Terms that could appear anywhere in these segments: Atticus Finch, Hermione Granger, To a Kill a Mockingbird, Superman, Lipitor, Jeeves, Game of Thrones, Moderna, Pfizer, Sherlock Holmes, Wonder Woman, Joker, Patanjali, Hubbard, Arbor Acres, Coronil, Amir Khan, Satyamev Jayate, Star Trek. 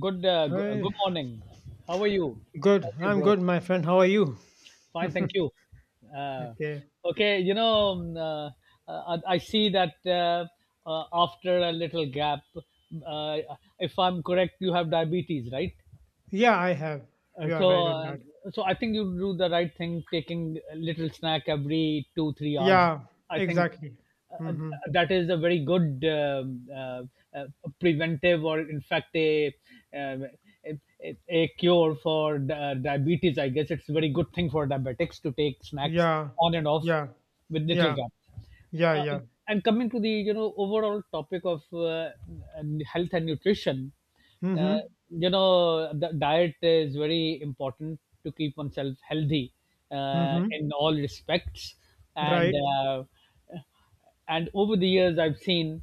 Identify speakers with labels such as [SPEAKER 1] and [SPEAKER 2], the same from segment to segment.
[SPEAKER 1] Good
[SPEAKER 2] Hi,
[SPEAKER 1] morning. How are you? How
[SPEAKER 2] good.
[SPEAKER 1] are you,
[SPEAKER 2] I'm
[SPEAKER 1] bro?
[SPEAKER 2] good, my friend. How are you?
[SPEAKER 1] Fine, thank you. Uh,
[SPEAKER 2] Okay.
[SPEAKER 1] okay. I see that, after a little gap, if I'm correct, you have diabetes, right?
[SPEAKER 2] Yeah, I have.
[SPEAKER 1] Uh,
[SPEAKER 2] You are
[SPEAKER 1] so,
[SPEAKER 2] right on
[SPEAKER 1] uh,
[SPEAKER 2] that.
[SPEAKER 1] so I think you do the right thing, taking a little snack every 2-3 hours.
[SPEAKER 2] Yeah,
[SPEAKER 1] I think
[SPEAKER 2] exactly.
[SPEAKER 1] uh, uh,
[SPEAKER 2] Mm-hmm.
[SPEAKER 1] that is a very good, uh, preventive, or in fact, um, a cure for diabetes. I guess it's a very good thing for diabetics to take snacks
[SPEAKER 2] Yeah,
[SPEAKER 1] on and off
[SPEAKER 2] yeah,
[SPEAKER 1] with little
[SPEAKER 2] yeah,
[SPEAKER 1] gaps.
[SPEAKER 2] yeah,
[SPEAKER 1] uh,
[SPEAKER 2] yeah.
[SPEAKER 1] and coming to the, overall topic of, and health and nutrition. uh,
[SPEAKER 2] Mm-hmm.
[SPEAKER 1] the diet is very important to keep oneself healthy, in
[SPEAKER 2] Mm-hmm.
[SPEAKER 1] all respects, and
[SPEAKER 2] Right.
[SPEAKER 1] uh, and over the years I've seen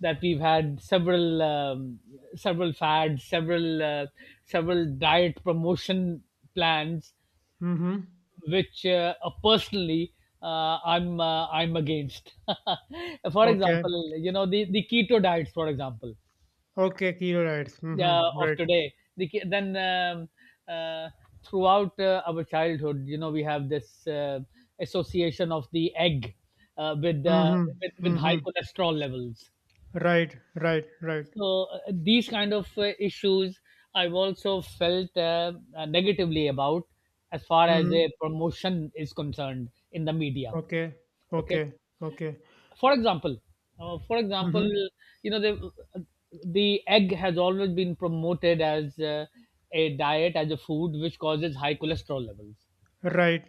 [SPEAKER 1] that we've had several, several fads, several diet promotion plans
[SPEAKER 2] Mm-hmm.
[SPEAKER 1] which, personally, I'm against. For
[SPEAKER 2] Okay.
[SPEAKER 1] example, the keto diets, for example,
[SPEAKER 2] Okay, kilo rights. Mm-hmm.
[SPEAKER 1] of
[SPEAKER 2] Right.
[SPEAKER 1] today. The, ke- then uh, Throughout our childhood, you know, we have this association of the egg, uh, with, uh,
[SPEAKER 2] Mm-hmm.
[SPEAKER 1] with
[SPEAKER 2] Mm-hmm.
[SPEAKER 1] high cholesterol levels.
[SPEAKER 2] Right, right, right.
[SPEAKER 1] So, these kind of issues I've also felt, negatively about, as far as
[SPEAKER 2] Mm-hmm.
[SPEAKER 1] a promotion is concerned in the media.
[SPEAKER 2] Okay.
[SPEAKER 1] Okay.
[SPEAKER 2] Okay. Okay.
[SPEAKER 1] For example, uh, for example,
[SPEAKER 2] Mm-hmm.
[SPEAKER 1] you know, the egg has always been promoted as, a diet, as a food which causes high cholesterol levels.
[SPEAKER 2] Right.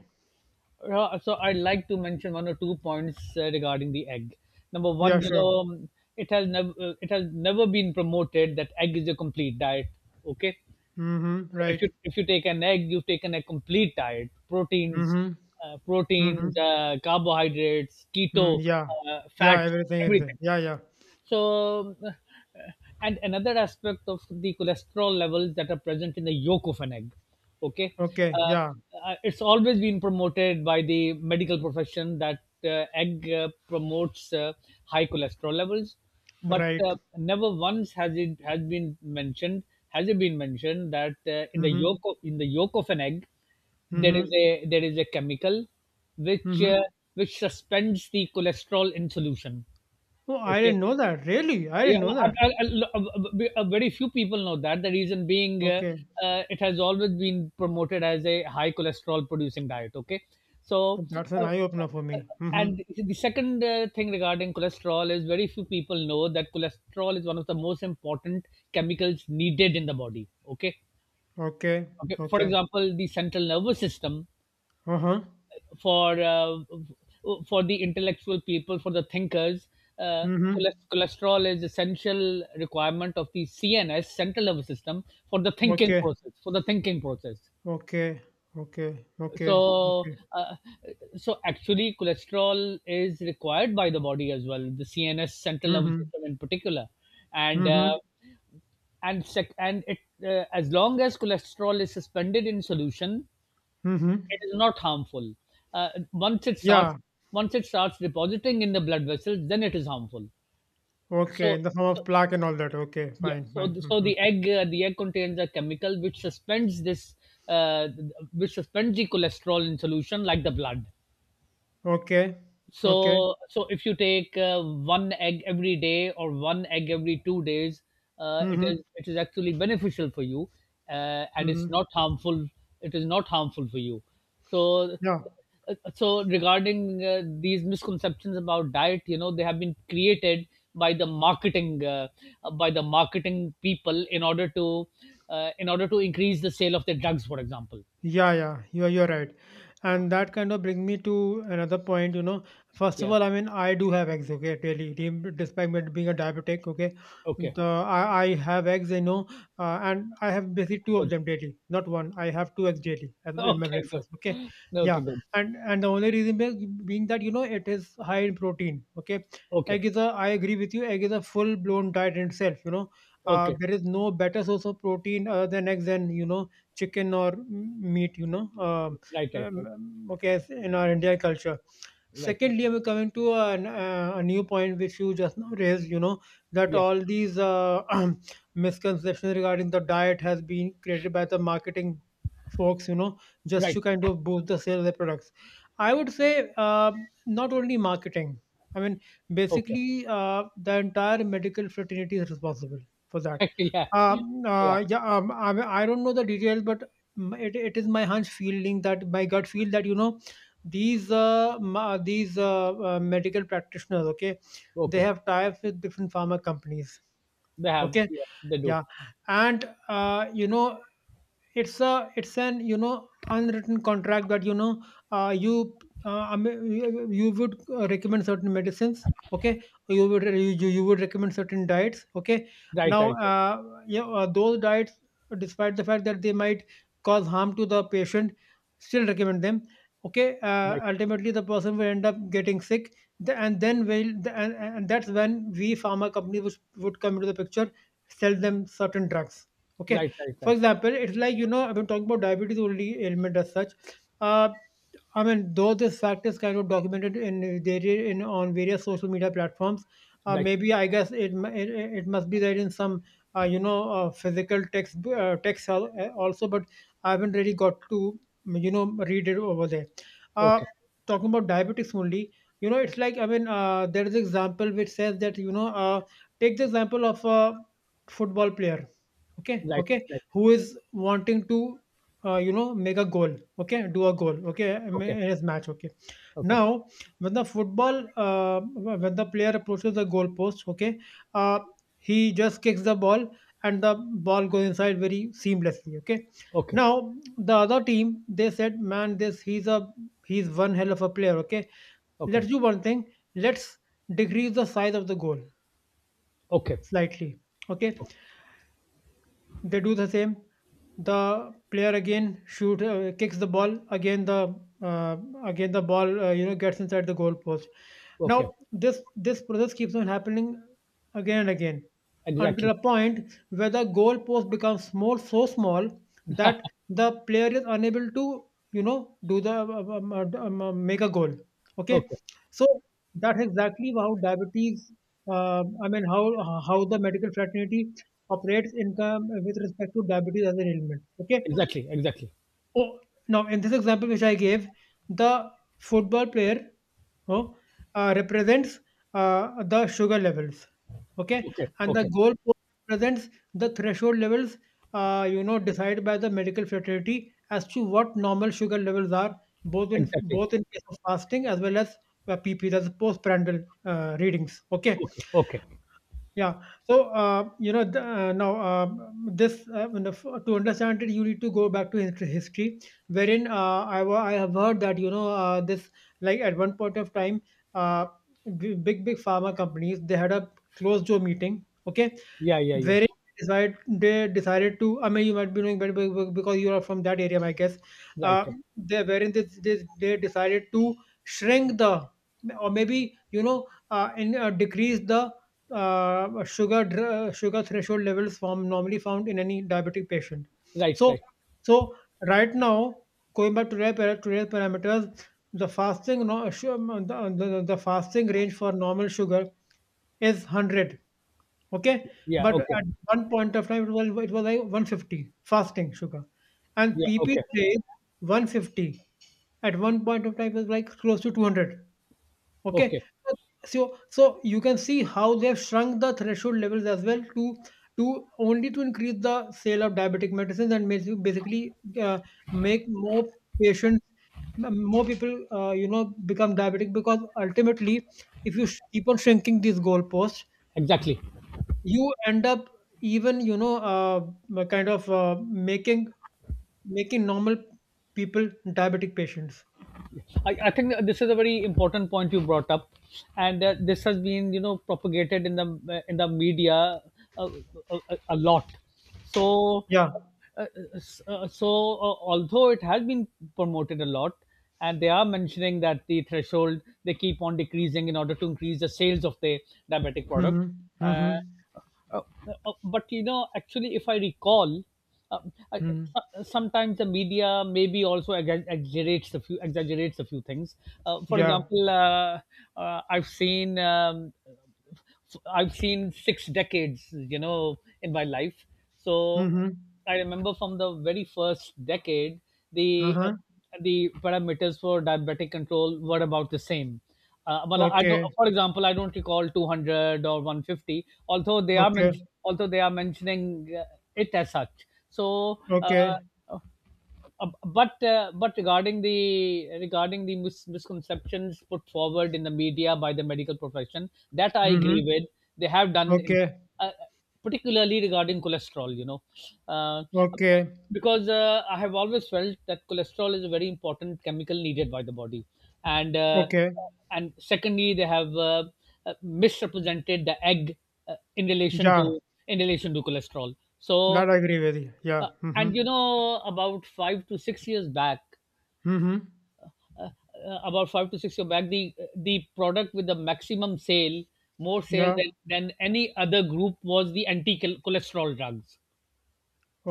[SPEAKER 1] So I'd like to mention one or two points regarding the egg. Number
[SPEAKER 2] Yeah,
[SPEAKER 1] one,
[SPEAKER 2] sure.
[SPEAKER 1] it has never it has never been promoted that egg is a complete diet. Okay.
[SPEAKER 2] Mm-hmm.
[SPEAKER 1] So
[SPEAKER 2] Right.
[SPEAKER 1] if you take an egg, you've taken a complete diet: proteins,
[SPEAKER 2] Mm-hmm. Mm-hmm.
[SPEAKER 1] carbohydrates,
[SPEAKER 2] Hmm,
[SPEAKER 1] keto,
[SPEAKER 2] yeah. Yeah,
[SPEAKER 1] fats,
[SPEAKER 2] everything is there.
[SPEAKER 1] everything.
[SPEAKER 2] Yeah, yeah.
[SPEAKER 1] So, and another aspect of the cholesterol levels that are present in the yolk of an egg. Okay.
[SPEAKER 2] Okay,
[SPEAKER 1] uh,
[SPEAKER 2] yeah.
[SPEAKER 1] it's always been promoted by the medical profession that egg promotes high cholesterol levels, but
[SPEAKER 2] Right.
[SPEAKER 1] never once has it been mentioned that,
[SPEAKER 2] Mm-hmm.
[SPEAKER 1] in the yolk of an egg there is
[SPEAKER 2] Mm-hmm.
[SPEAKER 1] a, chemical which,
[SPEAKER 2] Mm-hmm.
[SPEAKER 1] which suspends the cholesterol in solution.
[SPEAKER 2] Oh, I
[SPEAKER 1] Okay,
[SPEAKER 2] didn't know that. Really? I
[SPEAKER 1] yeah,
[SPEAKER 2] didn't know
[SPEAKER 1] well,
[SPEAKER 2] that.
[SPEAKER 1] a- a- a- very few people know that. The reason being,
[SPEAKER 2] Okay.
[SPEAKER 1] it has always been promoted as a high cholesterol producing diet. Okay. so
[SPEAKER 2] But that's an
[SPEAKER 1] uh,
[SPEAKER 2] eye opener for
[SPEAKER 1] uh,
[SPEAKER 2] me. Mm-hmm.
[SPEAKER 1] and the second thing regarding cholesterol is, very few people know that cholesterol is one of the most important chemicals needed in the body. Okay,
[SPEAKER 2] Okay.
[SPEAKER 1] okay. For
[SPEAKER 2] Okay.
[SPEAKER 1] example, the central nervous system,
[SPEAKER 2] Uh-huh.
[SPEAKER 1] for uh, for the intellectual people, for the thinkers. Uh,
[SPEAKER 2] Mm-hmm.
[SPEAKER 1] Cholesterol is essential requirement of the CNS, central nervous system, for the thinking
[SPEAKER 2] Okay.
[SPEAKER 1] process. For the thinking process.
[SPEAKER 2] Okay. Okay. Okay.
[SPEAKER 1] So,
[SPEAKER 2] Okay.
[SPEAKER 1] uh, so actually, cholesterol is required by the body as well, the CNS, central nervous
[SPEAKER 2] Mm-hmm.
[SPEAKER 1] system in particular, and
[SPEAKER 2] Mm-hmm.
[SPEAKER 1] uh, and sec- and it as long as cholesterol is suspended in solution,
[SPEAKER 2] Mm-hmm.
[SPEAKER 1] it is not harmful. Uh, once it starts,
[SPEAKER 2] Yeah.
[SPEAKER 1] Once it starts depositing in the blood vessels, then it is harmful.
[SPEAKER 2] Okay.
[SPEAKER 1] So,
[SPEAKER 2] In the form
[SPEAKER 1] so,
[SPEAKER 2] of plaque and all that. Okay.
[SPEAKER 1] yeah.
[SPEAKER 2] Fine. Fine.
[SPEAKER 1] So
[SPEAKER 2] Mm-hmm.
[SPEAKER 1] the egg, contains a chemical which suspends this, uh, which suspends the cholesterol in solution, like the blood.
[SPEAKER 2] Okay. Okay.
[SPEAKER 1] So if you take one egg every day, or one egg every 2 days,
[SPEAKER 2] Mm-hmm.
[SPEAKER 1] it is actually beneficial for you, and it's
[SPEAKER 2] Mm-hmm.
[SPEAKER 1] not harmful. It is not harmful for you. So,
[SPEAKER 2] Yeah.
[SPEAKER 1] so regarding these misconceptions about diet, they have been created by the marketing, people in order to, increase the sale of their drugs, for example.
[SPEAKER 2] Yeah, yeah, you're right, and that kind of brings me to another point. You know, first of
[SPEAKER 1] Yeah.
[SPEAKER 2] all, I mean, I do have eggs. Okay, daily, despite me being a diabetic, okay,
[SPEAKER 1] Okay.
[SPEAKER 2] I have eggs. You know, and I have basically two of
[SPEAKER 1] Good.
[SPEAKER 2] them daily, not one. I have two eggs daily in my
[SPEAKER 1] Okay.
[SPEAKER 2] breakfast. Okay,
[SPEAKER 1] Good.
[SPEAKER 2] yeah,
[SPEAKER 1] Okay. Good.
[SPEAKER 2] and the only reason being that you know it is high in protein. Okay,
[SPEAKER 1] Okay.
[SPEAKER 2] egg is a. I agree with you. Egg is a full blown diet in itself. You know,
[SPEAKER 1] Okay.
[SPEAKER 2] there is no better source of protein other than eggs. And you know chicken or meat, you know.
[SPEAKER 1] Right, right, right,
[SPEAKER 2] Okay, as in our Indian culture.
[SPEAKER 1] right.
[SPEAKER 2] Secondly, we're coming to a new point which you just now raised, you know, that
[SPEAKER 1] Yeah,
[SPEAKER 2] all these misconceptions regarding the diet has been created by the marketing folks, you know, just
[SPEAKER 1] right.
[SPEAKER 2] to kind of boost the sale of their products. I would say not only marketing. I mean,
[SPEAKER 1] Okay.
[SPEAKER 2] basically, the entire medical fraternity is responsible for that
[SPEAKER 1] Yeah,
[SPEAKER 2] um,
[SPEAKER 1] yeah.
[SPEAKER 2] uh, yeah, um, I, I don't know the details, but it is my hunch feeling that my gut feel that you know these medical practitioners, okay, they
[SPEAKER 1] Okay.
[SPEAKER 2] have ties with different pharma companies,
[SPEAKER 1] They have.
[SPEAKER 2] okay,
[SPEAKER 1] Yeah, they do.
[SPEAKER 2] yeah, and you know it's an you know unwritten contract that you know you I mean, you would recommend certain medicines, okay. You would you, you you would recommend certain diets, okay.
[SPEAKER 1] Right,
[SPEAKER 2] Now
[SPEAKER 1] right, right,
[SPEAKER 2] yeah, those diets, despite the fact that they might cause harm to the patient, still recommend them. Okay,
[SPEAKER 1] right,
[SPEAKER 2] ultimately the person will end up getting sick, the- and then will the- and that's when we pharma company would come into the picture, sell them certain drugs, okay.
[SPEAKER 1] right, right,
[SPEAKER 2] For
[SPEAKER 1] right,
[SPEAKER 2] example, it's like, you know, I've been talking about diabetes only ailment as such. Uh, I mean, though this fact is kind of documented in there in on various social media platforms,
[SPEAKER 1] right.
[SPEAKER 2] maybe I guess it, mu- it must be there in some you know physical also, but I haven't really got to read it over there. Uh,
[SPEAKER 1] Okay.
[SPEAKER 2] Talking about diabetics only, you know, it's like, I mean, there is example which says that you know, take the example of a football player. Okay,
[SPEAKER 1] Right,
[SPEAKER 2] okay,
[SPEAKER 1] right.
[SPEAKER 2] who is wanting to make a goal, okay, do a goal, okay, in
[SPEAKER 1] Okay.
[SPEAKER 2] his match, okay.
[SPEAKER 1] Okay.
[SPEAKER 2] Now when the football when the player approaches the goal post, okay, uh, he just kicks the ball, and the ball goes inside very seamlessly, okay.
[SPEAKER 1] Okay.
[SPEAKER 2] Now the other team, they said, man, this he's one hell of a player, okay.
[SPEAKER 1] Okay.
[SPEAKER 2] Let's do one thing, let's decrease the size of the goal
[SPEAKER 1] Okay.
[SPEAKER 2] slightly, okay.
[SPEAKER 1] o-
[SPEAKER 2] They do the same. The player again shoot kicks the ball. Uh, again the ball gets inside the goal post. Now
[SPEAKER 1] Okay.
[SPEAKER 2] this process keeps on happening again and again until
[SPEAKER 1] Exactly.
[SPEAKER 2] a point where the goal post becomes more so small that the player is unable to you know do the make a goal. Okay,
[SPEAKER 1] Okay.
[SPEAKER 2] so that's exactly how diabetes. I mean, how the medical fraternity operates income with respect to diabetes as an ailment. Okay.
[SPEAKER 1] Exactly. Exactly.
[SPEAKER 2] Oh, now in this example which I gave, the football player oh, represents the sugar levels. Okay,
[SPEAKER 1] Okay.
[SPEAKER 2] and the
[SPEAKER 1] Okay.
[SPEAKER 2] goal represents the threshold levels, decided by the medical fraternity as to what normal sugar levels are, both in
[SPEAKER 1] Exactly.
[SPEAKER 2] both in case of fasting as well as PP, that's postprandial readings. Okay,
[SPEAKER 1] Okay. Okay.
[SPEAKER 2] yeah. So, you know, the, now this you know, f- to understand it, you need to go back to history, wherein I have heard that you know this like at one point of time, uh, big pharma companies they had a closed door meeting. Okay,
[SPEAKER 1] Yeah. Yeah. Yeah.
[SPEAKER 2] very decide they decided to. I mean, you might be knowing better because you are from that area, I guess.
[SPEAKER 1] Right.
[SPEAKER 2] Uh,
[SPEAKER 1] Right.
[SPEAKER 2] they, wherein they decided to shrink the or maybe you know and decrease the sugar threshold levels from normally found in any diabetic patient.
[SPEAKER 1] Right.
[SPEAKER 2] So
[SPEAKER 1] Right.
[SPEAKER 2] so right now, going back to their parameters, the fasting no, su- the fasting range for normal sugar is 100. Okay,
[SPEAKER 1] Yeah.
[SPEAKER 2] but
[SPEAKER 1] Okay.
[SPEAKER 2] at one point of time, it was like 150 fasting sugar, and
[SPEAKER 1] Yeah.
[SPEAKER 2] PP
[SPEAKER 1] Okay.
[SPEAKER 2] today 150. At one point of time, was like close to 200.
[SPEAKER 1] Okay.
[SPEAKER 2] Okay, so so you can see how they have shrunk the threshold levels as well, to only to increase the sale of diabetic medicines, and basically uh, make more patients more people become diabetic because ultimately, if you keep on shrinking these goalposts,
[SPEAKER 1] Exactly.
[SPEAKER 2] you end up even kind of making normal people diabetic patients.
[SPEAKER 1] I think that this is a very important point you brought up, and this has been, propagated in the, media, uh, a lot. So,
[SPEAKER 2] Yeah.
[SPEAKER 1] uh, although it has been promoted a lot, and they are mentioning that the threshold they keep on decreasing in order to increase the sales of the diabetic product.
[SPEAKER 2] Mm-hmm. Mm-hmm.
[SPEAKER 1] Uh, uh, but you know, actually, if I recall, uh, I,
[SPEAKER 2] Mm-hmm.
[SPEAKER 1] sometimes the media maybe also exaggerates a few things. For
[SPEAKER 2] Yeah.
[SPEAKER 1] example, uh, I've seen um, I've seen six decades, you know, in my life. So
[SPEAKER 2] Mm-hmm.
[SPEAKER 1] I remember from the very first decade, the uh,
[SPEAKER 2] Uh-huh.
[SPEAKER 1] the parameters for diabetic control were about the same. Well, I don't.
[SPEAKER 2] Okay,
[SPEAKER 1] For example, I don't recall 200 or 150, although they are
[SPEAKER 2] okay,
[SPEAKER 1] mentioning it as such.
[SPEAKER 2] okay.
[SPEAKER 1] But regarding the, misconceptions put forward in the media by the medical profession, that I
[SPEAKER 2] Mm-hmm.
[SPEAKER 1] agree with. They have done in,
[SPEAKER 2] Okay,
[SPEAKER 1] uh, particularly regarding cholesterol, you know, uh,
[SPEAKER 2] okay,
[SPEAKER 1] because I have always felt that cholesterol is a very important chemical needed by the body, and uh,
[SPEAKER 2] okay.
[SPEAKER 1] and secondly they have, misrepresented the egg, in relation to,
[SPEAKER 2] Yeah,
[SPEAKER 1] cholesterol. So,
[SPEAKER 2] that I agree with you. Yeah.
[SPEAKER 1] uh,
[SPEAKER 2] Mm-hmm.
[SPEAKER 1] and you know, about 5 to 6 years back,
[SPEAKER 2] Mm-hmm.
[SPEAKER 1] uh, the product with the maximum sale, more sale
[SPEAKER 2] Yeah.
[SPEAKER 1] than any other group, was the anti-cholesterol drugs.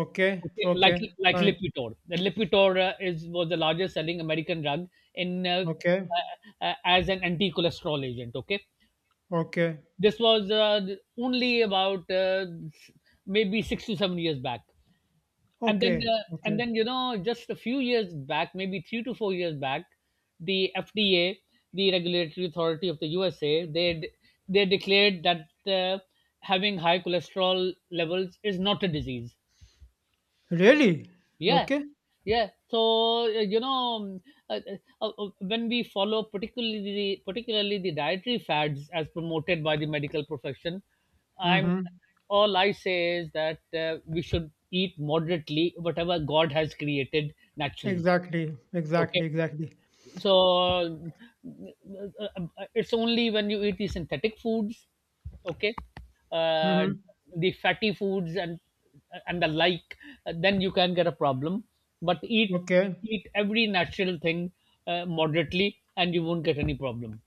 [SPEAKER 2] Okay,
[SPEAKER 1] Okay,
[SPEAKER 2] okay.
[SPEAKER 1] like
[SPEAKER 2] Fine.
[SPEAKER 1] Lipitor. The Lipitor is was the largest selling American drug, in
[SPEAKER 2] Okay,
[SPEAKER 1] as an anti-cholesterol agent. Okay,
[SPEAKER 2] okay,
[SPEAKER 1] this was only about maybe 6 to 7 years back. and then
[SPEAKER 2] okay,
[SPEAKER 1] uh, and
[SPEAKER 2] okay.
[SPEAKER 1] then you know, just a few years back, maybe 3 to 4 years back, the FDA, the regulatory authority of the USA, they declared that having high cholesterol levels is not a disease.
[SPEAKER 2] Really?
[SPEAKER 1] Yeah,
[SPEAKER 2] Okay.
[SPEAKER 1] yeah. So, you know, uh, when we follow, particularly the, dietary fads as promoted by the medical profession, I'm
[SPEAKER 2] Mm-hmm.
[SPEAKER 1] all I say is that, we should eat moderately whatever God has created naturally.
[SPEAKER 2] Exactly,
[SPEAKER 1] Okay,
[SPEAKER 2] exactly, exactly.
[SPEAKER 1] so, uh, it's only when you eat the synthetic foods, okay, uh,
[SPEAKER 2] Mm-hmm.
[SPEAKER 1] the fatty foods and the like, then you can get a problem. But
[SPEAKER 2] Okay.
[SPEAKER 1] eat every natural thing moderately, and you won't get any problem.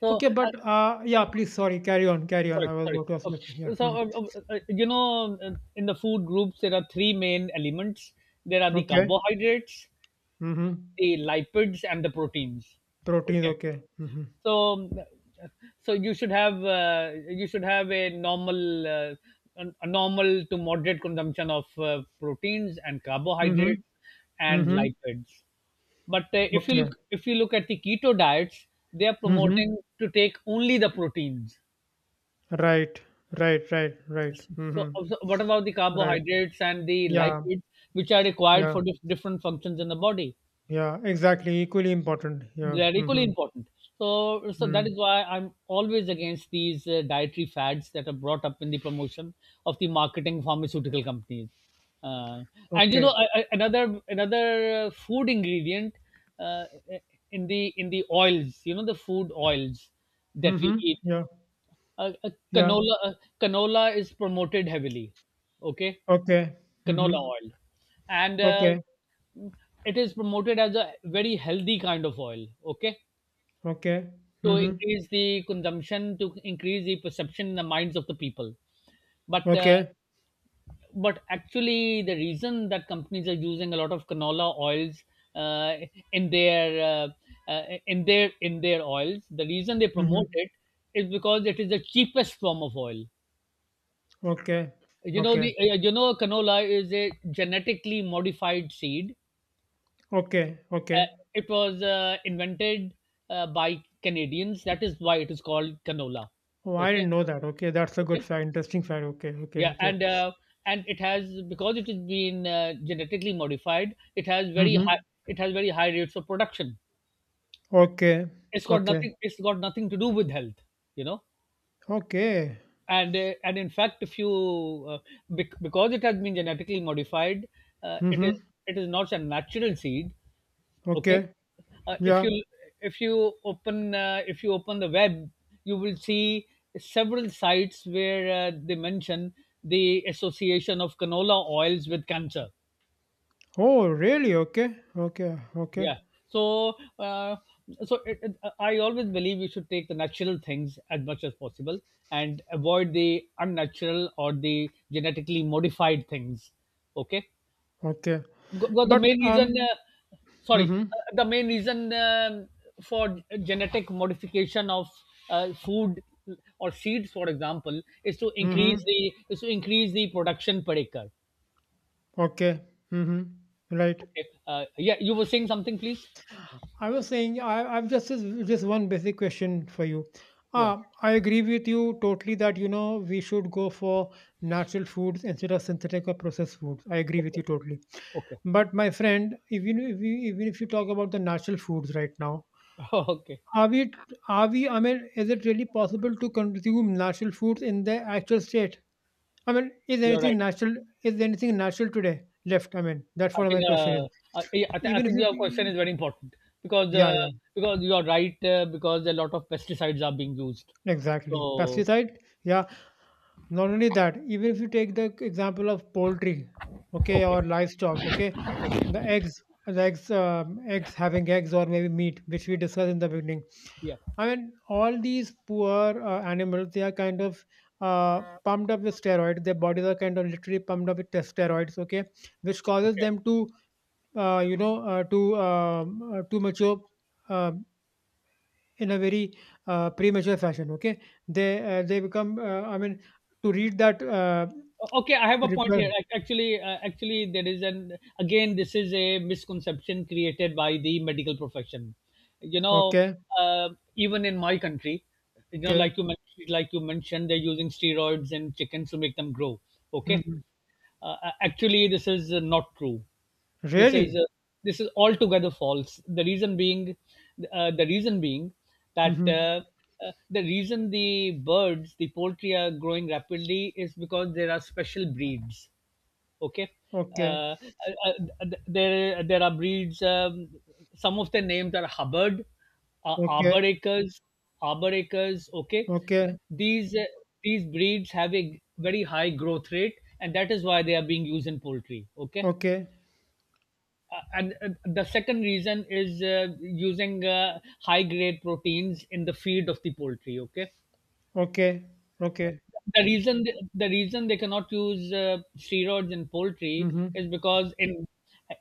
[SPEAKER 1] So,
[SPEAKER 2] Okay, but yeah, please, sorry, carry on, carry on. I was
[SPEAKER 1] sorry.
[SPEAKER 2] about to ask
[SPEAKER 1] Uh,
[SPEAKER 2] you. Yeah.
[SPEAKER 1] so
[SPEAKER 2] Mhm.
[SPEAKER 1] uh, uh, uh, you know uh, in the food groups there are three main elements: there are the
[SPEAKER 2] Okay.
[SPEAKER 1] carbohydrates,
[SPEAKER 2] Mm-hmm.
[SPEAKER 1] the lipids, and the proteins.
[SPEAKER 2] Proteins,
[SPEAKER 1] Okay,
[SPEAKER 2] okay. Mm-hmm.
[SPEAKER 1] so so you should have, a normal, a normal to moderate consumption of proteins and
[SPEAKER 2] Mm-hmm.
[SPEAKER 1] carbohydrates and
[SPEAKER 2] Mm-hmm.
[SPEAKER 1] lipids. But
[SPEAKER 2] Okay.
[SPEAKER 1] if you look at the keto diets, they are
[SPEAKER 2] Mm-hmm.
[SPEAKER 1] promoting to take only the proteins.
[SPEAKER 2] Right. Right, right, right.
[SPEAKER 1] So,
[SPEAKER 2] Mm-hmm.
[SPEAKER 1] so what about the
[SPEAKER 2] Right.
[SPEAKER 1] carbohydrates and the
[SPEAKER 2] Yeah,
[SPEAKER 1] lipids, which are required
[SPEAKER 2] yeah,
[SPEAKER 1] for different functions in the body?
[SPEAKER 2] yeah. Exactly. Equally important. Yeah.
[SPEAKER 1] They're equally
[SPEAKER 2] Mm-hmm.
[SPEAKER 1] important. So, that is
[SPEAKER 2] Mm.
[SPEAKER 1] why I'm always against these dietary fads that are brought up in the promotion of the marketing pharmaceutical companies. uh, and you know,
[SPEAKER 2] Okay.
[SPEAKER 1] another food ingredient, uh, in the oils, you know, the food oils that
[SPEAKER 2] Mm-hmm.
[SPEAKER 1] we eat,
[SPEAKER 2] Yeah.
[SPEAKER 1] uh, uh,
[SPEAKER 2] Yeah.
[SPEAKER 1] canola uh, canola is promoted heavily, okay,
[SPEAKER 2] Okay.
[SPEAKER 1] canola
[SPEAKER 2] Mm-hmm.
[SPEAKER 1] oil. And
[SPEAKER 2] Okay.
[SPEAKER 1] it is promoted as a very healthy kind of oil, okay,
[SPEAKER 2] Okay.
[SPEAKER 1] to
[SPEAKER 2] Mm-hmm.
[SPEAKER 1] increase the consumption, to increase the perception in the minds of the people. But
[SPEAKER 2] Okay.
[SPEAKER 1] actually, the reason that companies are using a lot of canola oils, uh, in their uh, in their oils, the reason they promote
[SPEAKER 2] Mm-hmm.
[SPEAKER 1] it, is because it is the cheapest form of oil.
[SPEAKER 2] Okay.
[SPEAKER 1] You know,
[SPEAKER 2] Okay.
[SPEAKER 1] canola is a genetically modified seed.
[SPEAKER 2] Okay. Okay.
[SPEAKER 1] It was invented by Canadians, that is why it is called canola.
[SPEAKER 2] Oh, I
[SPEAKER 1] Okay.
[SPEAKER 2] didn't know that. Okay. That's a good
[SPEAKER 1] Okay.
[SPEAKER 2] fact. Interesting fact. Okay. Okay.
[SPEAKER 1] Yeah,
[SPEAKER 2] Okay.
[SPEAKER 1] and it has because it has been genetically modified,
[SPEAKER 2] Mm-hmm.
[SPEAKER 1] it has very high rates of production.
[SPEAKER 2] Okay. Okay.
[SPEAKER 1] It's got nothing to do with health, you know.
[SPEAKER 2] Okay.
[SPEAKER 1] And and in fact, if you, because it has been genetically modified, uh, it is
[SPEAKER 2] Mm-hmm.
[SPEAKER 1] it is not a natural seed. Okay,
[SPEAKER 2] Okay.
[SPEAKER 1] uh, if
[SPEAKER 2] Yeah.
[SPEAKER 1] you if you open the web, you will see several sites where they mention the association of canola oils with cancer.
[SPEAKER 2] Oh, really? Okay. Okay. Okay.
[SPEAKER 1] Yeah. So, uh, so, I always believe we should take the natural things as much as possible and avoid the unnatural or the genetically modified things. Okay.
[SPEAKER 2] Okay.
[SPEAKER 1] Because the
[SPEAKER 2] But
[SPEAKER 1] main reason,
[SPEAKER 2] um. Mm-hmm.
[SPEAKER 1] the main reason, for genetic modification of food or seeds, for example, is to increase
[SPEAKER 2] Mm-hmm.
[SPEAKER 1] the production per acre.
[SPEAKER 2] Okay. Mm-hmm. Right.
[SPEAKER 1] Okay. Yeah, you were saying something, please.
[SPEAKER 2] I was saying, I've just one basic question for you.
[SPEAKER 1] Yeah.
[SPEAKER 2] I agree with you totally that you know we should go for natural foods instead of synthetic or processed foods. I agree with
[SPEAKER 1] Okay.
[SPEAKER 2] you totally.
[SPEAKER 1] Okay.
[SPEAKER 2] But my friend, even if you talk about the natural foods right now,
[SPEAKER 1] Okay.
[SPEAKER 2] are we are we? I mean, is it really possible to consume natural foods in their actual state? I mean, is
[SPEAKER 1] You're
[SPEAKER 2] anything
[SPEAKER 1] right.
[SPEAKER 2] natural? Is anything natural today left? I mean, that's
[SPEAKER 1] I
[SPEAKER 2] what
[SPEAKER 1] think
[SPEAKER 2] my question is.
[SPEAKER 1] I, I, thi- I
[SPEAKER 2] Even if
[SPEAKER 1] think your question
[SPEAKER 2] you,
[SPEAKER 1] is very important because
[SPEAKER 2] Yeah,
[SPEAKER 1] uh,
[SPEAKER 2] yeah.
[SPEAKER 1] because you're right, because a lot of pesticides are being used.
[SPEAKER 2] Exactly.
[SPEAKER 1] So,
[SPEAKER 2] Pesticide, yeah. Not only that, even if you take the example of poultry, okay,
[SPEAKER 1] okay,
[SPEAKER 2] or livestock, okay, the eggs, the eggs, eggs having eggs or maybe meat, which we discussed in the beginning.
[SPEAKER 1] yeah,
[SPEAKER 2] I mean, all these poor animals, they are kind of pumped up with steroids. Their bodies are kind of literally pumped up with steroids, okay, which causes
[SPEAKER 1] okay,
[SPEAKER 2] them to, you know, to mature, um, in a very premature fashion. Okay, they become. I mean, to read that
[SPEAKER 1] Okay. I have a point
[SPEAKER 2] reply.
[SPEAKER 1] here. Actually, there is an again. This is a misconception created by the medical profession. You know,
[SPEAKER 2] Okay,
[SPEAKER 1] uh, even in my country, you know,
[SPEAKER 2] okay.
[SPEAKER 1] like you mentioned, they're using steroids in chickens to make them grow. Okay.
[SPEAKER 2] Hmm.
[SPEAKER 1] Uh, Actually, this is not true. This is
[SPEAKER 2] Really?
[SPEAKER 1] uh, this is altogether false. The reason being that
[SPEAKER 2] Hmm.
[SPEAKER 1] the reason the birds, the poultry are growing rapidly is because there are special breeds. Okay. uh,
[SPEAKER 2] Okay,
[SPEAKER 1] uh, there are breeds, some of the names are Hubbard,
[SPEAKER 2] okay,
[SPEAKER 1] arbor acres, arbor acres. Okay.
[SPEAKER 2] okay,
[SPEAKER 1] These uh, these breeds have a very high growth rate, and that is why they are being used in poultry. Okay.
[SPEAKER 2] okay,
[SPEAKER 1] And the second reason is using high grade proteins in the feed of the poultry. Okay.
[SPEAKER 2] okay, okay.
[SPEAKER 1] The reason they cannot use steroids in poultry
[SPEAKER 2] Hmm.
[SPEAKER 1] is because in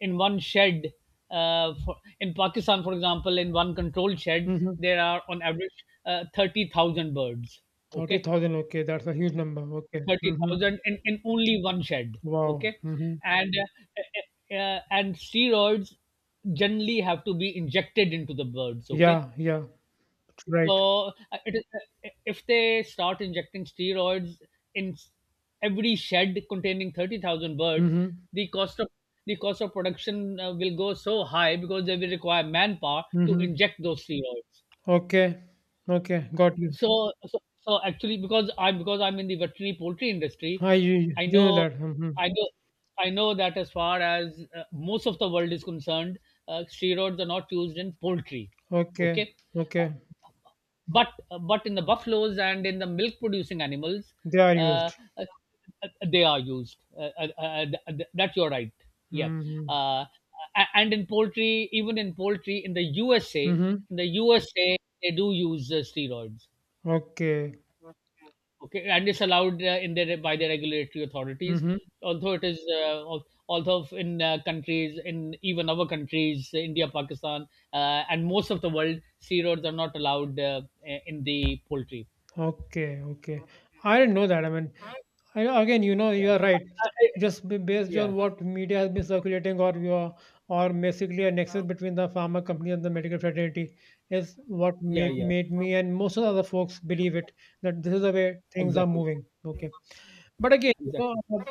[SPEAKER 1] in one shed, for, in Pakistan, for example, in one controlled shed,
[SPEAKER 2] Hmm.
[SPEAKER 1] there are, on average, 30,000 birds.
[SPEAKER 2] Thirty
[SPEAKER 1] Okay,
[SPEAKER 2] thousand. Okay, that's a huge number. Okay.
[SPEAKER 1] thirty
[SPEAKER 2] Hmm.
[SPEAKER 1] thousand in only one shed.
[SPEAKER 2] Wow.
[SPEAKER 1] Okay.
[SPEAKER 2] Hmm.
[SPEAKER 1] And steroids generally have to be injected into the birds. Okay,
[SPEAKER 2] Yeah, yeah. Right.
[SPEAKER 1] so if they start injecting steroids in every shed containing 30,000 birds,
[SPEAKER 2] Hmm.
[SPEAKER 1] the cost of production will go so high because they will require manpower to
[SPEAKER 2] Hmm.
[SPEAKER 1] inject those steroids.
[SPEAKER 2] Okay. Okay. Got you.
[SPEAKER 1] So, actually, because I'm in the veterinary poultry industry, I
[SPEAKER 2] You know
[SPEAKER 1] know,
[SPEAKER 2] that. Hmm.
[SPEAKER 1] I know, I know that, as far as most of the world is concerned, steroids are not used in poultry.
[SPEAKER 2] Okay.
[SPEAKER 1] Okay,
[SPEAKER 2] Okay.
[SPEAKER 1] but but in the buffaloes and in the milk producing animals,
[SPEAKER 2] They are
[SPEAKER 1] uh,
[SPEAKER 2] used.
[SPEAKER 1] uh, they are used, that you're right. Yeah.
[SPEAKER 2] Mhm.
[SPEAKER 1] Uh, a- and in poultry, even in poultry in the USA,
[SPEAKER 2] Mhm.
[SPEAKER 1] they do use steroids.
[SPEAKER 2] Okay.
[SPEAKER 1] Okay, and it's allowed, in their, by the regulatory authorities,
[SPEAKER 2] Mhm.
[SPEAKER 1] although it is al- although in countries, in even our countries, India, Pakistan, and most of the world, steroids are not allowed in the poultry.
[SPEAKER 2] Okay. Okay. I didn't know that. I mean, again, you know,
[SPEAKER 1] Yeah.
[SPEAKER 2] you are right. Just based
[SPEAKER 1] Yeah,
[SPEAKER 2] on what media has been circulating, or basically a nexus between the pharma company and the medical fraternity is what
[SPEAKER 1] yeah,
[SPEAKER 2] made
[SPEAKER 1] yeah.
[SPEAKER 2] made me and most of the other folks believe it that this is the way things are
[SPEAKER 1] Exactly.
[SPEAKER 2] moving. Okay. But again, you know,
[SPEAKER 1] Exactly.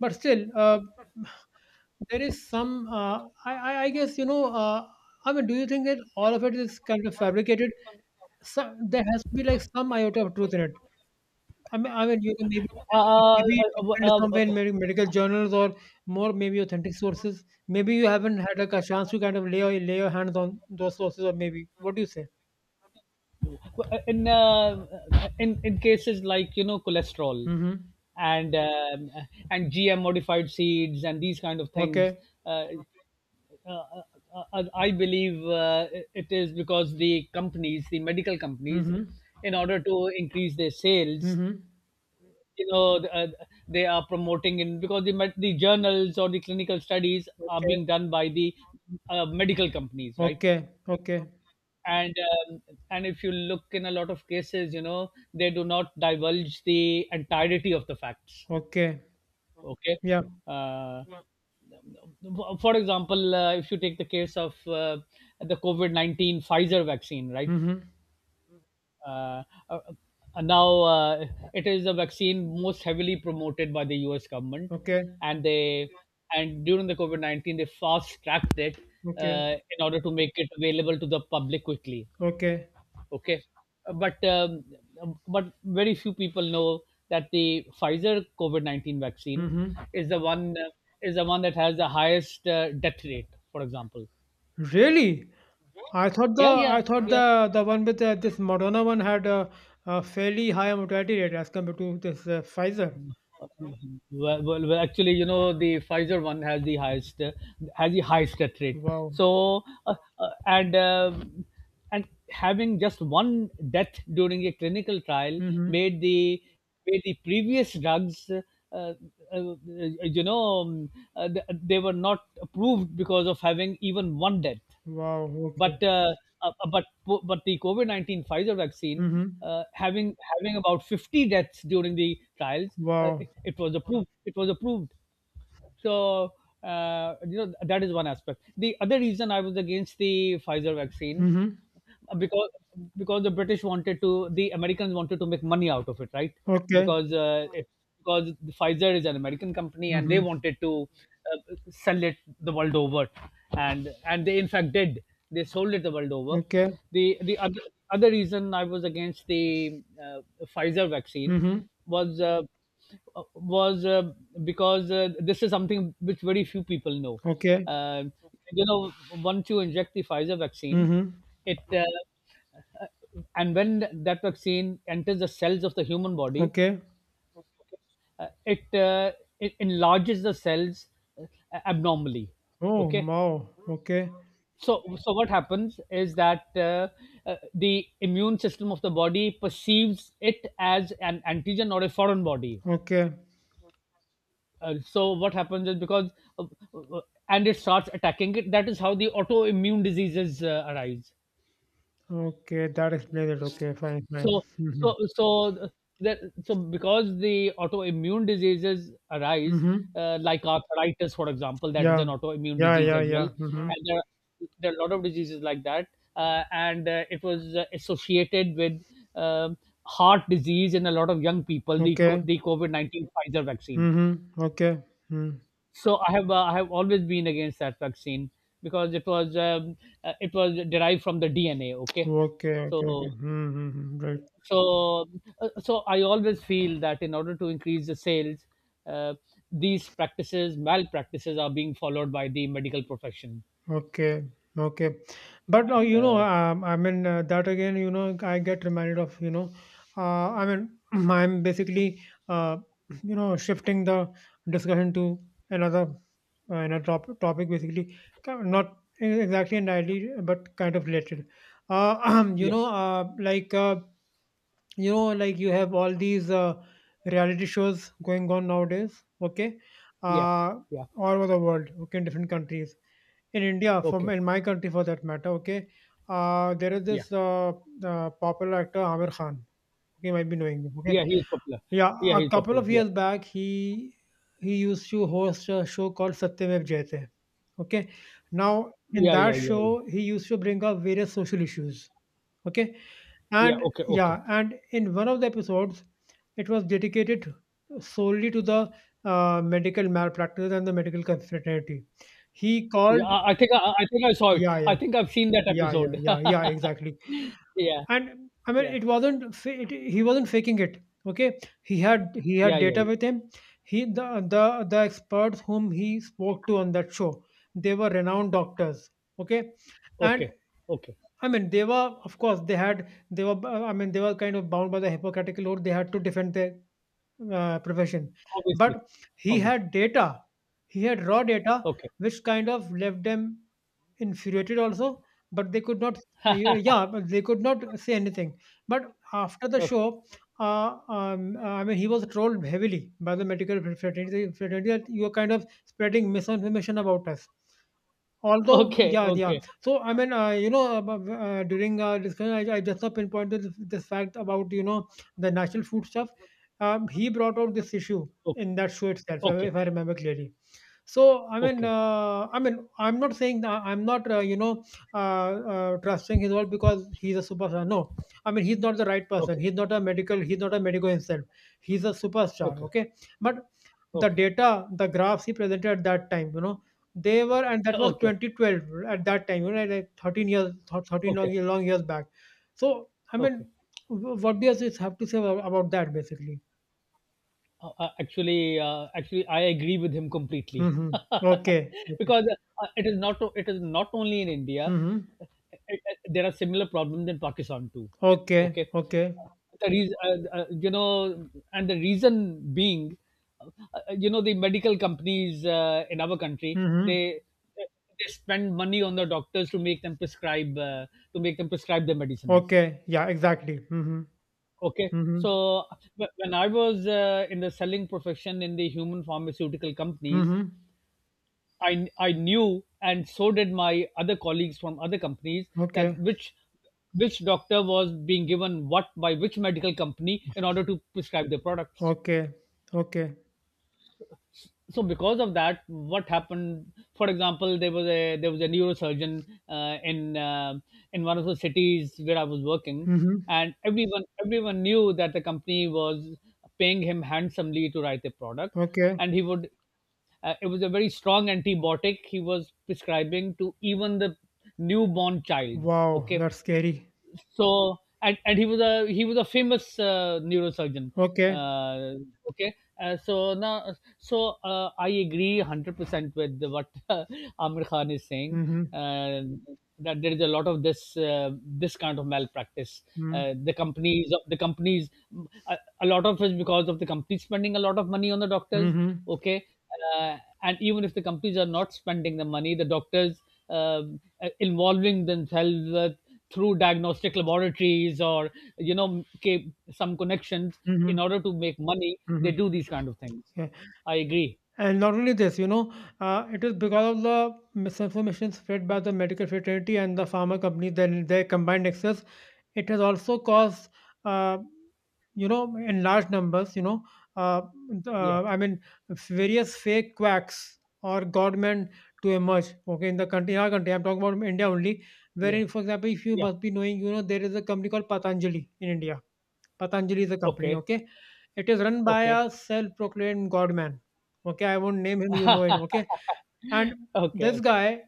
[SPEAKER 2] but still, there is some. I guess you know. I mean, do you think that all of it is kind of fabricated? So there has to be like some iota of truth in it. I mean, you can maybe
[SPEAKER 1] uh, uh,
[SPEAKER 2] maybe documented
[SPEAKER 1] uh,
[SPEAKER 2] somewhere in maybe medical journals or more maybe authentic sources. Maybe you haven't had like a chance to kind of lay your hands on those sources, or maybe what do you say?
[SPEAKER 1] uh, in uh, in in cases like, you know, cholesterol
[SPEAKER 2] Mm-hmm.
[SPEAKER 1] and um, and GM modified seeds and these kind of things,
[SPEAKER 2] Okay.
[SPEAKER 1] uh, uh, uh, I believe, it is because the companies, the medical companies,
[SPEAKER 2] Mm-hmm.
[SPEAKER 1] in order to increase their sales.
[SPEAKER 2] Mm-hmm.
[SPEAKER 1] You know, they are promoting in because the journals or the clinical studies are
[SPEAKER 2] okay,
[SPEAKER 1] being done by the, medical companies, right?
[SPEAKER 2] okay, okay,
[SPEAKER 1] And um, and if you look, in a lot of cases, you know, they do not divulge the entirety of the facts.
[SPEAKER 2] okay.
[SPEAKER 1] Okay.
[SPEAKER 2] Yeah.
[SPEAKER 1] uh, for example, if you take the case of, the COVID-19 Pfizer vaccine, right?
[SPEAKER 2] Mm-hmm.
[SPEAKER 1] Uh, uh, uh, now uh, it is a vaccine most heavily promoted by the US government,
[SPEAKER 2] Okay,
[SPEAKER 1] and they and during the COVID 19 they fast tracked it,
[SPEAKER 2] okay,
[SPEAKER 1] in order to make it available to the public quickly.
[SPEAKER 2] okay.
[SPEAKER 1] Okay. Uh, but um, but very few people know that the Pfizer COVID 19 vaccine
[SPEAKER 2] Mm-hmm.
[SPEAKER 1] is the one uh, is the one that has the highest, death rate. For example.
[SPEAKER 2] Really? I thought
[SPEAKER 1] Yeah,
[SPEAKER 2] the I
[SPEAKER 1] yeah,
[SPEAKER 2] thought
[SPEAKER 1] yeah.
[SPEAKER 2] the the one with this Moderna one had a fairly high mortality rate as compared to this Pfizer.
[SPEAKER 1] Mm-hmm. Well, actually, you know, the Pfizer one has the highest, has the highest death rate.
[SPEAKER 2] Wow.
[SPEAKER 1] So, and having just one death during a clinical trial
[SPEAKER 2] Hmm.
[SPEAKER 1] made the previous drugs, uh, you know, they were not approved because of having even one death.
[SPEAKER 2] Wow. Okay.
[SPEAKER 1] But uh, uh, uh, but but the COVID 19 Pfizer vaccine,
[SPEAKER 2] Hmm.
[SPEAKER 1] having about 50 deaths during the trials, uh,
[SPEAKER 2] Wow.
[SPEAKER 1] it, it was approved. It was approved. So, you know, that is one aspect. The other reason I was against the Pfizer vaccine,
[SPEAKER 2] Hmm.
[SPEAKER 1] because because the British wanted to, the Americans wanted to make money out of it, right?
[SPEAKER 2] Okay.
[SPEAKER 1] Because, because Pfizer is an American company and they
[SPEAKER 2] Hmm.
[SPEAKER 1] wanted to, sell it the world over, and they in fact did. They sold it the world over.
[SPEAKER 2] Okay.
[SPEAKER 1] The other reason I was against the, Pfizer vaccine
[SPEAKER 2] Hmm.
[SPEAKER 1] was. Uh, was uh, because this is something which very few people know.
[SPEAKER 2] Okay.
[SPEAKER 1] Uh, you know, once you inject the Pfizer vaccine,
[SPEAKER 2] Hmm.
[SPEAKER 1] it uh, and when that vaccine enters the cells of the human body,
[SPEAKER 2] Okay.
[SPEAKER 1] uh, it, uh, it enlarges the cells, uh, abnormally.
[SPEAKER 2] Oh
[SPEAKER 1] Okay,
[SPEAKER 2] wow. Okay.
[SPEAKER 1] so what happens is that, the immune system of the body perceives it as an antigen or a foreign body.
[SPEAKER 2] Okay.
[SPEAKER 1] So what happens is, because uh, uh, and it starts attacking it. That is how the autoimmune diseases, arise.
[SPEAKER 2] Okay. That explains it. Okay. Fine. Fine.
[SPEAKER 1] so so
[SPEAKER 2] Hmm.
[SPEAKER 1] so that so because the autoimmune diseases arise,
[SPEAKER 2] Hmm.
[SPEAKER 1] like arthritis, for example. That is
[SPEAKER 2] Yeah.
[SPEAKER 1] an autoimmune
[SPEAKER 2] Yeah.
[SPEAKER 1] disease
[SPEAKER 2] Yeah.
[SPEAKER 1] as
[SPEAKER 2] Yeah.
[SPEAKER 1] well,
[SPEAKER 2] Hmm.
[SPEAKER 1] and there are a lot of diseases like that. And it was, associated with, um, heart disease in a lot of young people, the co-
[SPEAKER 2] Okay.
[SPEAKER 1] the COVID-19 Pfizer vaccine.
[SPEAKER 2] Hmm. Okay. Mm.
[SPEAKER 1] So I have always been against that vaccine because it was derived from the DNA. Okay.
[SPEAKER 2] Okay, okay, okay.
[SPEAKER 1] so
[SPEAKER 2] Hmm, hmm, hmm, right.
[SPEAKER 1] so uh, so I always feel that in order to increase the sales, uh, these practices, malpractices, are being followed by the medical profession.
[SPEAKER 2] Okay, okay. But now,
[SPEAKER 1] And,
[SPEAKER 2] that again, I get reminded of, I mean, I'm basically, uh, you know, shifting the discussion to another, uh, topic, basically, kind of not exactly entirely, but kind of related. Uh, you
[SPEAKER 1] yeah,
[SPEAKER 2] know, uh, like, uh, you know like you have all these reality shows going on nowadays. Okay.
[SPEAKER 1] yeah,
[SPEAKER 2] uh,
[SPEAKER 1] yeah.
[SPEAKER 2] all over the world. Okay. In different countries, in india, from
[SPEAKER 1] Okay,
[SPEAKER 2] in my country for that matter. Okay. There is
[SPEAKER 1] yeah,
[SPEAKER 2] this popular actor amir khan. Okay, you might be knowing him. Okay,
[SPEAKER 1] yeah. He is popular.
[SPEAKER 2] yeah,
[SPEAKER 1] Yeah,
[SPEAKER 2] a
[SPEAKER 1] he is
[SPEAKER 2] couple
[SPEAKER 1] popular.
[SPEAKER 2] of
[SPEAKER 1] Yeah,
[SPEAKER 2] years back he used to host a show called satyamev jayate. Okay, now in
[SPEAKER 1] yeah,
[SPEAKER 2] that
[SPEAKER 1] yeah, yeah,
[SPEAKER 2] show
[SPEAKER 1] yeah.
[SPEAKER 2] he used to bring up various social issues. Okay.
[SPEAKER 1] Yeah.
[SPEAKER 2] And
[SPEAKER 1] Okay, okay.
[SPEAKER 2] yeah, and in one of the episodes, it was dedicated solely to the medical malpractice and the medical fraternity. He called,
[SPEAKER 1] Yeah, I think I saw it.
[SPEAKER 2] yeah, yeah,
[SPEAKER 1] I think I've seen that
[SPEAKER 2] yeah, yeah,
[SPEAKER 1] episode.
[SPEAKER 2] yeah, yeah, exactly.
[SPEAKER 1] Yeah,
[SPEAKER 2] And I mean,
[SPEAKER 1] yeah.
[SPEAKER 2] it, he wasn't faking it. Okay, he had
[SPEAKER 1] Yeah, yeah,
[SPEAKER 2] data
[SPEAKER 1] yeah.
[SPEAKER 2] with him. He The the experts whom he spoke to on that show, they were renowned doctors. Okay, and
[SPEAKER 1] Okay, okay.
[SPEAKER 2] I mean, they were, of course, they were, I mean, they were kind of bound by the Hippocratic Oath. They had to defend their profession.
[SPEAKER 1] Obviously,
[SPEAKER 2] But he
[SPEAKER 1] obviously.
[SPEAKER 2] had data, he had raw data,
[SPEAKER 1] Okay,
[SPEAKER 2] which kind of left them infuriated also. But they could not, yeah, but they could not say anything. But after the
[SPEAKER 1] okay,
[SPEAKER 2] show, I mean, he was trolled heavily by the medical fraternity, fraternity, that you are kind of spreading misinformation about us. Although
[SPEAKER 1] okay,
[SPEAKER 2] yeah, yeah.
[SPEAKER 1] okay,
[SPEAKER 2] So I mean, you know, during our discussion, I just now pinpointed this, this fact about you know the national food stuff. He brought out this issue
[SPEAKER 1] okay,
[SPEAKER 2] in that show itself, if
[SPEAKER 1] okay,
[SPEAKER 2] I remember clearly. So
[SPEAKER 1] okay,
[SPEAKER 2] I mean, I'm not saying that I'm not you know trusting his word because he's a superstar. No, I mean he's not the right person.
[SPEAKER 1] okay,
[SPEAKER 2] He's not a medical. He's not a medical himself. He's a superstar.
[SPEAKER 1] okay,
[SPEAKER 2] Okay, but the
[SPEAKER 1] okay, okay,
[SPEAKER 2] data, the graphs he presented at that time, you know, they were, and that was
[SPEAKER 1] okay,
[SPEAKER 2] 2012 at that time, you know, like 13 years, 13
[SPEAKER 1] okay,
[SPEAKER 2] long, long years back. So, I mean,
[SPEAKER 1] okay.
[SPEAKER 2] what do you have to say about that basically?
[SPEAKER 1] Actually, I agree with him completely
[SPEAKER 2] Mm-hmm. Okay. Okay.
[SPEAKER 1] because, it is not only in India.
[SPEAKER 2] Mm-hmm.
[SPEAKER 1] There are similar problems in Pakistan too.
[SPEAKER 2] Okay.
[SPEAKER 1] Okay.
[SPEAKER 2] Okay.
[SPEAKER 1] the reason, you know, and the reason being, you know, the medical companies, in our country,
[SPEAKER 2] Mm-hmm.
[SPEAKER 1] they spend money on the doctors to make them prescribe, their medicines.
[SPEAKER 2] Okay. Yeah, exactly. Mm-hmm.
[SPEAKER 1] Okay.
[SPEAKER 2] Mm-hmm.
[SPEAKER 1] So, when I was, in the selling profession in the human pharmaceutical companies,
[SPEAKER 2] Mm-hmm.
[SPEAKER 1] I knew, and so did my other colleagues from other companies, that
[SPEAKER 2] Okay.
[SPEAKER 1] which doctor was being given what by which medical company in order to prescribe the products.
[SPEAKER 2] Okay. Okay.
[SPEAKER 1] So, because of that, what happened, for example, there was a neurosurgeon, uh, in uh, in one of the cities where I was working,
[SPEAKER 2] Mm-hmm.
[SPEAKER 1] and everyone knew that the company was paying him handsomely to write the product.
[SPEAKER 2] Okay.
[SPEAKER 1] And he would uh, it was a very strong antibiotic he was prescribing to even the newborn child.
[SPEAKER 2] Wow,
[SPEAKER 1] Okay.
[SPEAKER 2] that's scary.
[SPEAKER 1] So, and he was a famous, neurosurgeon.
[SPEAKER 2] Okay.
[SPEAKER 1] uh, okay. So now, I agree 100% with what Amir Khan is saying,
[SPEAKER 2] Mm-hmm.
[SPEAKER 1] uh, that there is a lot of this kind of malpractice.
[SPEAKER 2] Mm-hmm.
[SPEAKER 1] Uh, the companies the companies a, a lot of it's because of the companies spending a lot of money on the doctors.
[SPEAKER 2] Mm-hmm.
[SPEAKER 1] Okay. Uh, and even if the companies are not spending the money, the doctors, involving themselves with, through diagnostic laboratories, or, you know, some connections, in
[SPEAKER 2] Mm-hmm.
[SPEAKER 1] order to make money, they
[SPEAKER 2] Mhm.
[SPEAKER 1] do these kind of things.
[SPEAKER 2] Yeah.
[SPEAKER 1] I agree.
[SPEAKER 2] And not only this, you know, it is because of the misinformation spread by the medical fraternity and the pharma company, then their combined excess, it has also caused, uh, you know, in large numbers, you know, uh,
[SPEAKER 1] Yeah,
[SPEAKER 2] I mean, various fake quacks or government to emerge. Okay, in the country, in our country, I'm talking about India only,
[SPEAKER 1] yeah,
[SPEAKER 2] wherein, for example, if you
[SPEAKER 1] yeah.
[SPEAKER 2] must be knowing, you know, there is a company called Patanjali in India. Patanjali is a company,
[SPEAKER 1] Okay,
[SPEAKER 2] okay? It is run by
[SPEAKER 1] okay,
[SPEAKER 2] a self proclaimed god man, okay? I won't name him, you know it, okay? And
[SPEAKER 1] okay,
[SPEAKER 2] this
[SPEAKER 1] okay,
[SPEAKER 2] guy,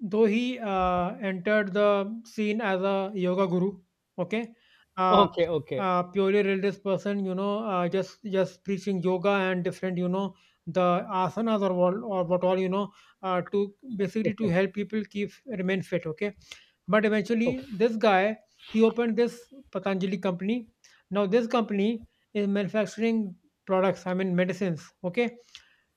[SPEAKER 2] though he entered the scene as a yoga guru, okay? Uh,
[SPEAKER 1] okay,
[SPEAKER 2] Purely religious person, you know, just preaching yoga and different, you know, the asanas or what all, you know, to basically to
[SPEAKER 1] okay,
[SPEAKER 2] help people keep remain fit, okay? But eventually,
[SPEAKER 1] okay,
[SPEAKER 2] this guy he opened this Patanjali company. Now, this company is manufacturing products. I mean, medicines. Okay,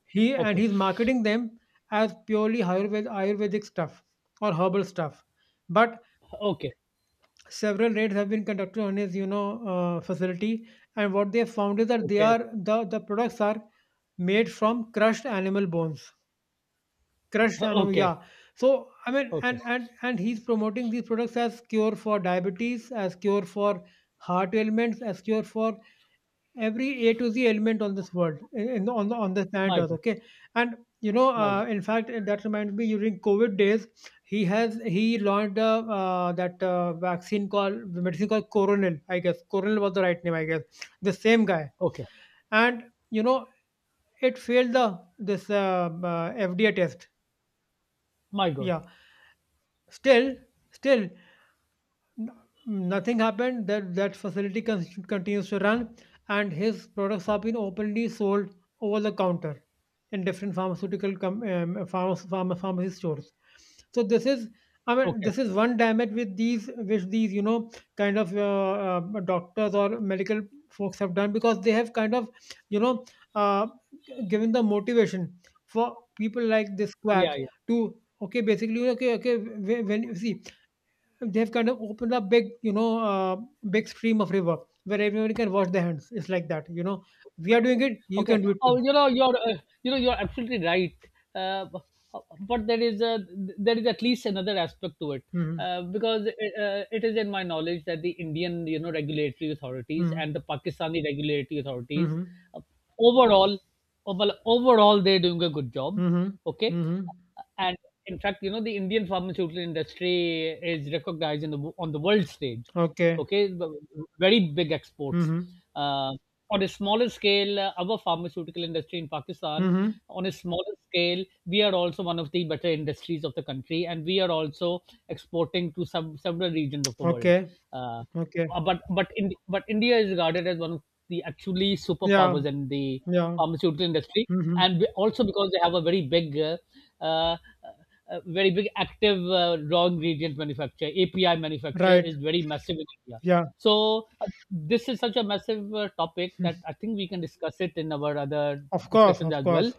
[SPEAKER 2] he and
[SPEAKER 1] okay,
[SPEAKER 2] he's marketing them as purely Ayurvedic stuff or herbal stuff. But
[SPEAKER 1] okay,
[SPEAKER 2] several raids have been conducted on his, you know, facility, and what they have found is that they
[SPEAKER 1] okay,
[SPEAKER 2] are the products are made from crushed animal bones, crushed
[SPEAKER 1] okay,
[SPEAKER 2] anom
[SPEAKER 1] okay,
[SPEAKER 2] yeah. So I mean,
[SPEAKER 1] okay.
[SPEAKER 2] and he's promoting these products as cure for diabetes, as cure for heart ailments, as cure for every a to z ailment on this world, on the planet
[SPEAKER 1] My
[SPEAKER 2] earth.
[SPEAKER 1] God.
[SPEAKER 2] Okay. And you know
[SPEAKER 1] My God.
[SPEAKER 2] in fact that reminds me during covid days he launched a, that vaccine called, the medicine called Coronil, I guess Coronil was the right name I guess, the same guy.
[SPEAKER 1] Okay.
[SPEAKER 2] And you know it failed the this fda test,
[SPEAKER 1] My God.
[SPEAKER 2] yeah. Still, still, n- nothing happened. That that facility continues to run, and his products have been openly sold over the counter in different pharmaceutical com- pharma- pharma- pharmacy stores. So this is, I mean,
[SPEAKER 1] Okay.
[SPEAKER 2] this is one damage with these, which these, you know, kind of doctors or medical folks have done because they have kind of, you know, uh, given the motivation for people like this
[SPEAKER 1] Yeah,
[SPEAKER 2] quack
[SPEAKER 1] yeah.
[SPEAKER 2] to okay, basically okay, okay, when you see they've kind of opened up big you know big stream of river where everyone can wash their hands, it's like that you know, we are doing it you
[SPEAKER 1] Okay.
[SPEAKER 2] can do it too.
[SPEAKER 1] Oh, you know, you're absolutely right. Uh, b- but there is at least another aspect to it,
[SPEAKER 2] Hmm.
[SPEAKER 1] because, it is in my knowledge that the Indian, you know, regulatory authorities
[SPEAKER 2] Hmm.
[SPEAKER 1] and the Pakistani regulatory authorities,
[SPEAKER 2] Hmm.
[SPEAKER 1] uh, overall, overall, they're doing a good job.
[SPEAKER 2] Hmm.
[SPEAKER 1] Okay.
[SPEAKER 2] Hmm.
[SPEAKER 1] And in fact, you know, the Indian pharmaceutical industry is recognized in on the world stage.
[SPEAKER 2] Okay.
[SPEAKER 1] Okay. Very big exports.
[SPEAKER 2] Hmm.
[SPEAKER 1] uh, on a smaller scale, our pharmaceutical industry in Pakistan,
[SPEAKER 2] Hmm.
[SPEAKER 1] on a smaller scale, we are also one of the better industries of the country, and we are also exporting to some several regions of the world.
[SPEAKER 2] Okay.
[SPEAKER 1] uh,
[SPEAKER 2] Okay.
[SPEAKER 1] uh, but but in, but India is regarded as one of the actually
[SPEAKER 2] Yeah.
[SPEAKER 1] superpowers in the
[SPEAKER 2] Yeah.
[SPEAKER 1] pharmaceutical industry,
[SPEAKER 2] Hmm.
[SPEAKER 1] and we, also because they have a very big, uh, very big active, raw ingredient manufacturer (API). Manufacturer
[SPEAKER 2] Right.
[SPEAKER 1] is very massive in India.
[SPEAKER 2] Yeah.
[SPEAKER 1] So, this is such a massive, topic
[SPEAKER 2] Hmm.
[SPEAKER 1] that I think we can discuss it in our other
[SPEAKER 2] Of course,
[SPEAKER 1] discussions
[SPEAKER 2] of
[SPEAKER 1] as well.
[SPEAKER 2] course.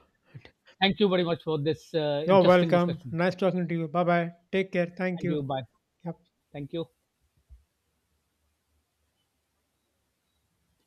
[SPEAKER 1] Thank you very much for this,
[SPEAKER 2] You're
[SPEAKER 1] interesting
[SPEAKER 2] welcome,
[SPEAKER 1] discussion.
[SPEAKER 2] nice talking to you, bye bye, take care, thank
[SPEAKER 1] And you,
[SPEAKER 2] you.
[SPEAKER 1] bye.
[SPEAKER 2] Yep.
[SPEAKER 1] Thank you.